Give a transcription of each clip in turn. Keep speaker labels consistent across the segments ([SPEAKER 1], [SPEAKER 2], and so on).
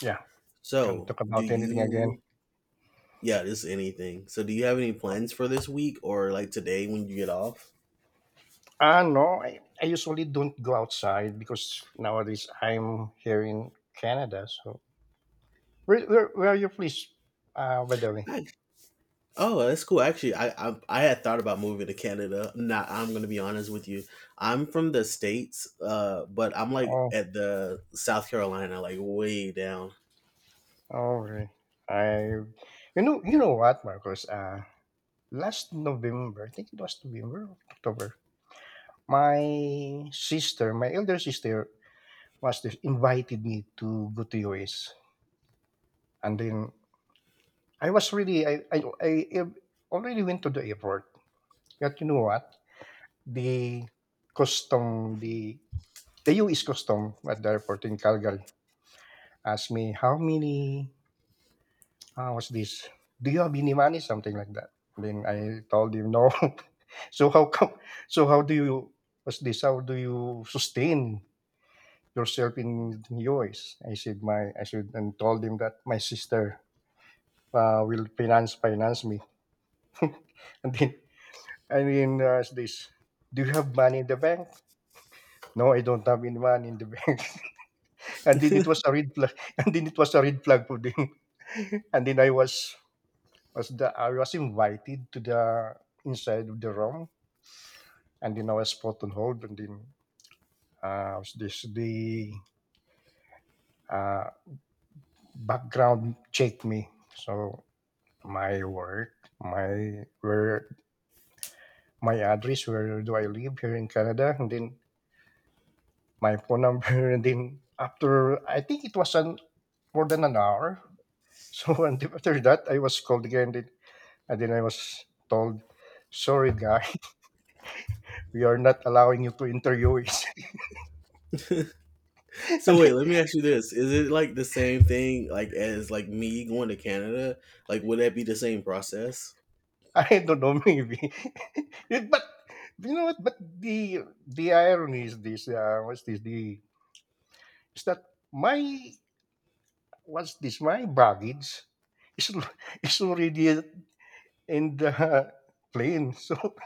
[SPEAKER 1] Yeah, can
[SPEAKER 2] So,
[SPEAKER 1] talk
[SPEAKER 2] do
[SPEAKER 1] about anything again.
[SPEAKER 2] you, yeah, just anything. So, do you have any plans for this week or like today when you get off?
[SPEAKER 1] No, I usually don't go outside because nowadays I'm here in Canada. So where are you, please? By the way.
[SPEAKER 2] Nice. Oh, that's cool. Actually, I had thought about moving to Canada. Not, I'm gonna be honest with you. I'm from the states, but I'm like
[SPEAKER 1] Oh,
[SPEAKER 2] at the South Carolina, like way down.
[SPEAKER 1] okay. I, you know what, Marcos? Last November, I think it was November, October. My sister, my elder sister, invited me to go to US, and then I was really, I already went to the airport. But you know what? the the U.S. custom at the airport in Calgary asked me how many was this? Do you have any money? Something like that. And then I told him no. So how come? So how do you was this? How do you sustain yourself in U.S.? I said and told him that my sister will finance me. and then and then uh, this, do you have money in the bank? No, I don't have any money in the bank. And then it was a red flag. And then it was a red flag for them. and then I was the I was invited to the inside of the room. And then I was put on hold. And then was this the uh, background checked me. So my work, my where my address, where do I live here in Canada, and then my phone number. And then after, I think, it was an more than an hour. So and After that, I was called again. Then I was told, sorry, guy, we are not allowing you to interview us.
[SPEAKER 2] So
[SPEAKER 1] and
[SPEAKER 2] wait, let me ask you this: Is it like the same thing, like as like me going to Canada? Like, would that be the same process?
[SPEAKER 1] I don't know, maybe. But you know what? But the irony is this. What's this? The Is that my — what's this? my baggage is al- is already in the plane. So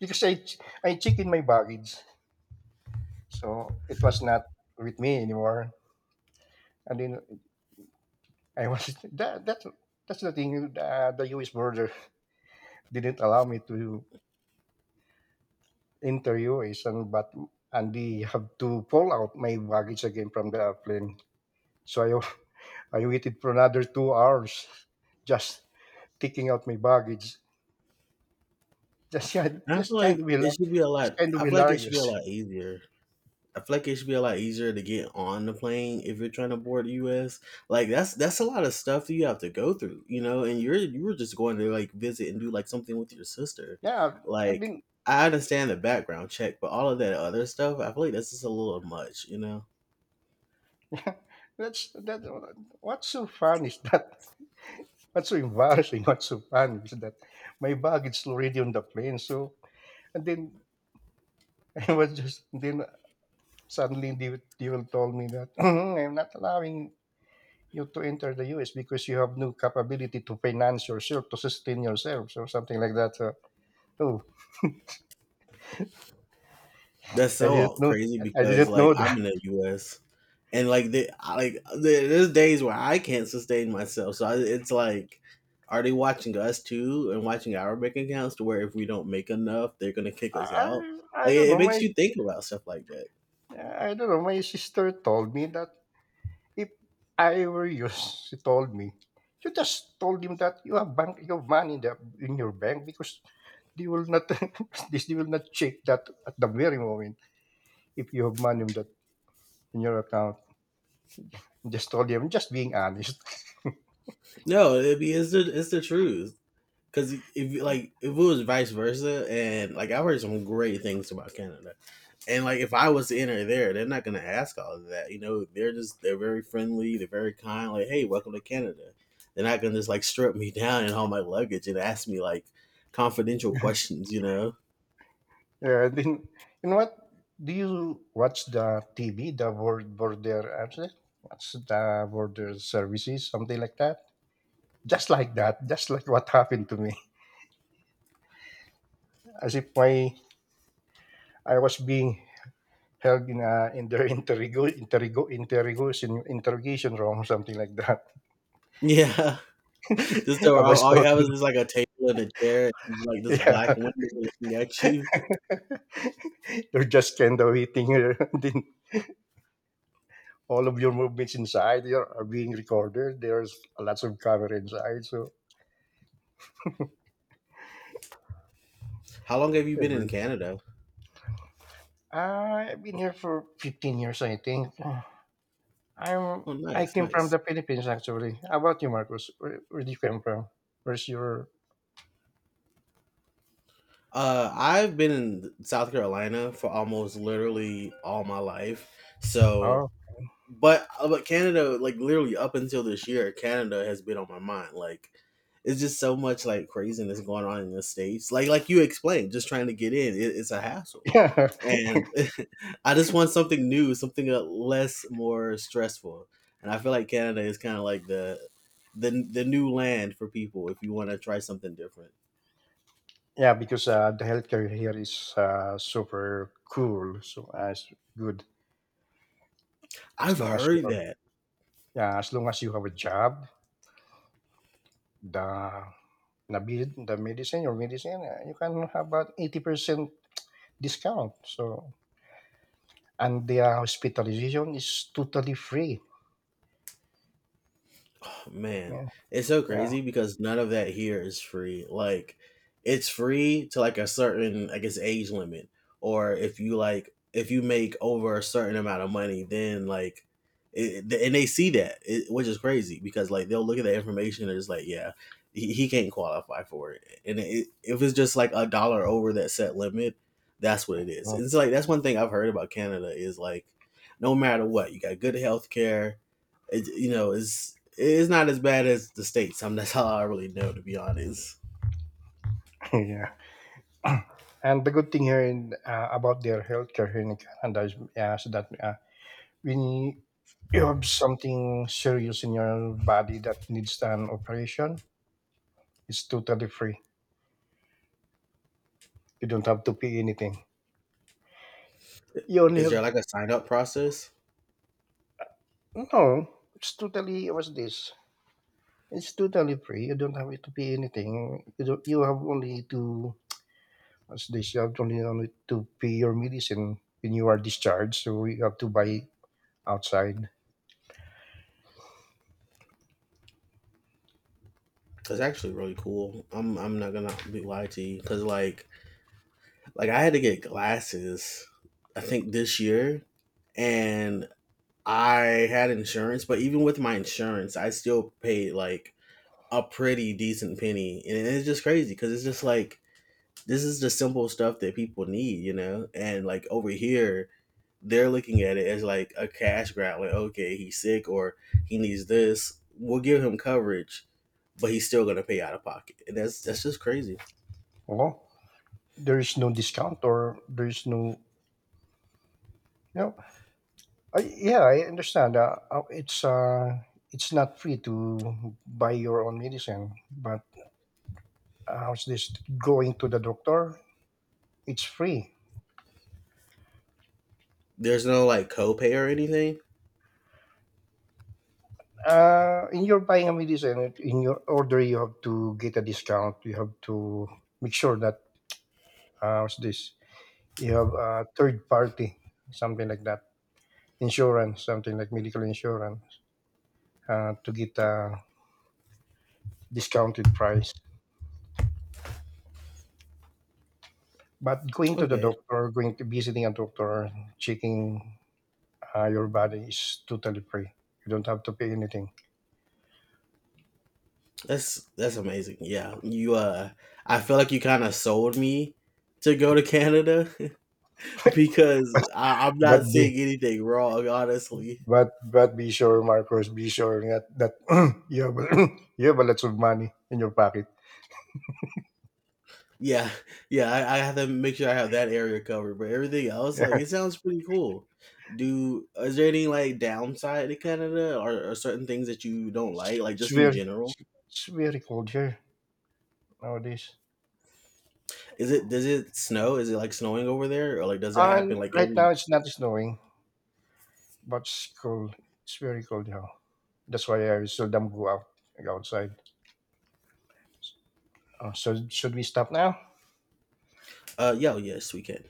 [SPEAKER 1] because I check in my baggage, so it was not with me anymore. And then I was that's the thing. The U.S. border didn't allow me to enter UASN, but Andy have to pull out my baggage again from the airplane. So I, I waited for another 2 hours, just taking out my baggage. Just yeah,
[SPEAKER 2] And I feel like it should be a
[SPEAKER 1] just
[SPEAKER 2] lot.
[SPEAKER 1] kind
[SPEAKER 2] I
[SPEAKER 1] of
[SPEAKER 2] feel like it should be
[SPEAKER 1] hilarious.
[SPEAKER 2] a lot easier. I feel like it should be a lot easier to get on the plane if you're trying to board the U.S. Like that's a lot of stuff that you have to go through, you know. And you were just going to like visit and do like something with your sister.
[SPEAKER 1] Yeah, I
[SPEAKER 2] Like
[SPEAKER 1] mean,
[SPEAKER 2] I understand the background check, but all of that other stuff, I feel like that's just a little much, you know.
[SPEAKER 1] yeah, that's that. What's so fun is that? What's so embarrassing? What's so fun is that my baggage already on the plane. So and then I was just then Suddenly, they will told me that I'm not allowing you to enter the U.S. because you have no capability to finance yourself, to sustain yourself, or something like that. So, oh,
[SPEAKER 2] That's
[SPEAKER 1] I
[SPEAKER 2] so
[SPEAKER 1] didn't know.
[SPEAKER 2] crazy
[SPEAKER 1] I
[SPEAKER 2] because
[SPEAKER 1] didn't
[SPEAKER 2] like
[SPEAKER 1] know
[SPEAKER 2] I'm
[SPEAKER 1] that.
[SPEAKER 2] in the U.S. and like there's days where I can't sustain myself. So I, it's like, are they watching us too and watching our bank accounts to where if we don't make enough, they're gonna kick us out?
[SPEAKER 1] I
[SPEAKER 2] Like
[SPEAKER 1] don't
[SPEAKER 2] it
[SPEAKER 1] know. My
[SPEAKER 2] makes you think about stuff like that.
[SPEAKER 1] I don't know. My sister told me that if I were you, she told me. You just told him that you have money in, in your bank, because they will not this they will not check that at the very moment if you have money in that in your account. Just told him, just being honest.
[SPEAKER 2] No, it's the truth. Cause if like if it was vice versa, and like I've heard some great things about Canada, and like if I was to enter there, they're not gonna ask all of that. You know, they're very friendly, they're very kind. Like, hey, welcome to Canada. They're not gonna just like strip me down and all my luggage and ask me like confidential questions. You know?
[SPEAKER 1] Yeah, then you know what? Do you watch the TV, border, actually? What's the border services, something like that? Just like that, just like what happened to me, as if my I was being held in a in the interrego, interrego, interrogation interrogation room, something like that.
[SPEAKER 2] Yeah. Just so
[SPEAKER 1] I was
[SPEAKER 2] all you
[SPEAKER 1] told,
[SPEAKER 2] have is just like a table and a chair, and, like this
[SPEAKER 1] yeah,
[SPEAKER 2] black window looking at you.
[SPEAKER 1] they're just kind of waiting here. Then all of your movements inside are being recorded. There's lots of camera inside. So
[SPEAKER 2] How long have you been in Canada?
[SPEAKER 1] I've been here for 15 years, I think. I'm
[SPEAKER 2] Oh,
[SPEAKER 1] I
[SPEAKER 2] nice,
[SPEAKER 1] came from
[SPEAKER 2] nice.
[SPEAKER 1] the Philippines actually. How about you, Marcos? Where do you come from? Where's your
[SPEAKER 2] I've been in South Carolina for almost literally all my life. So,
[SPEAKER 1] oh
[SPEAKER 2] but Canada, like literally up until this year, Canada has been on my mind. Like, it's just so much like craziness going on in the states. Like you explained, just trying to get in, it, it's a hassle.
[SPEAKER 1] yeah.
[SPEAKER 2] And I just want something new, something less more stressful. And I feel like Canada is kind of like the new land for people if you want to try something different.
[SPEAKER 1] Yeah, because the healthcare here is super cool, so as good
[SPEAKER 2] I've
[SPEAKER 1] as long as you
[SPEAKER 2] heard
[SPEAKER 1] are,
[SPEAKER 2] that.
[SPEAKER 1] yeah, as long as you have a job, the the medicine, your medicine, you can have about 80% discount, so, and their hospitalization is totally free.
[SPEAKER 2] Man,
[SPEAKER 1] Yeah,
[SPEAKER 2] it's so
[SPEAKER 1] yeah,
[SPEAKER 2] crazy because none of that here is free. Like, it's free to like a certain, I guess, age limit, or if you like, if you make over a certain amount of money, then like, and they see that, it, which is crazy because like they'll look at the information and it's like, yeah, he can't qualify for it. And it, if it's just like a dollar over that set limit, that's what it is.
[SPEAKER 1] oh,
[SPEAKER 2] It's like that's one thing I've heard about Canada is like, no matter what, you got good health care you know, it's not as bad as the states. I mean, that's all I really know, to be honest.
[SPEAKER 1] yeah. And the good thing here in, about their healthcare here in Canada is, yeah, so that when you have something serious in your body that needs an operation, it's totally free. You don't have to pay anything. You only
[SPEAKER 2] Is there
[SPEAKER 1] have —
[SPEAKER 2] like a sign up process?
[SPEAKER 1] no. It's totally what's this? It's totally free. You don't have to pay anything. You don't, you have only to — as they should, only to pay your medicine when you are discharged, so you have to buy outside.
[SPEAKER 2] It's actually really cool. I'm not gonna be lie to you because like I had to get glasses. I think this year, and I had insurance, but even with my insurance, I still paid like a pretty decent penny, and it's just crazy because it's just like this is the simple stuff that people need, you know, and like over here they're looking at it as like a cash grab. Like, okay, he's sick or he needs this. We'll give him coverage, but he's still gonna pay out of pocket, and that's just crazy.
[SPEAKER 1] Well, there is no discount or there is no, you know, yeah, I understand. It's it's not free to buy your own medicine, but how's this, going to the doctor? It's free.
[SPEAKER 2] There's no like copay or anything.
[SPEAKER 1] In your buying a medicine, in your order, you have to get a discount. You have to make sure that how's this? you have a third party, something like that. Insurance, something like medical insurance, to get a discounted price. But going to the
[SPEAKER 2] Okay,
[SPEAKER 1] doctor, going to visiting a doctor, checking your body, is totally free. You don't have to pay anything.
[SPEAKER 2] that's amazing. Yeah, you. I feel like you kind of sold me to go to Canada because I'm
[SPEAKER 1] But
[SPEAKER 2] not
[SPEAKER 1] be
[SPEAKER 2] seeing anything wrong, honestly.
[SPEAKER 1] but be sure, Marcos, be sure that you have a- you have a lot of money in your pocket.
[SPEAKER 2] Yeah, yeah, I have to make sure I have that area covered, but everything else,
[SPEAKER 1] Yeah.
[SPEAKER 2] like, it sounds pretty cool. Do Is there any like downside to Canada, or certain things that you don't
[SPEAKER 1] It's,
[SPEAKER 2] like
[SPEAKER 1] it's
[SPEAKER 2] just in
[SPEAKER 1] very
[SPEAKER 2] general?
[SPEAKER 1] it's it's very cold here nowadays.
[SPEAKER 2] Is it does it snow? Is it like snowing over there, or like does it happen
[SPEAKER 1] And
[SPEAKER 2] like
[SPEAKER 1] right
[SPEAKER 2] every?
[SPEAKER 1] now it's not snowing, but it's cold. It's very cold now. That's why I still seldom go outside. So should we stop now?
[SPEAKER 2] Yeah, oh, yes, we can.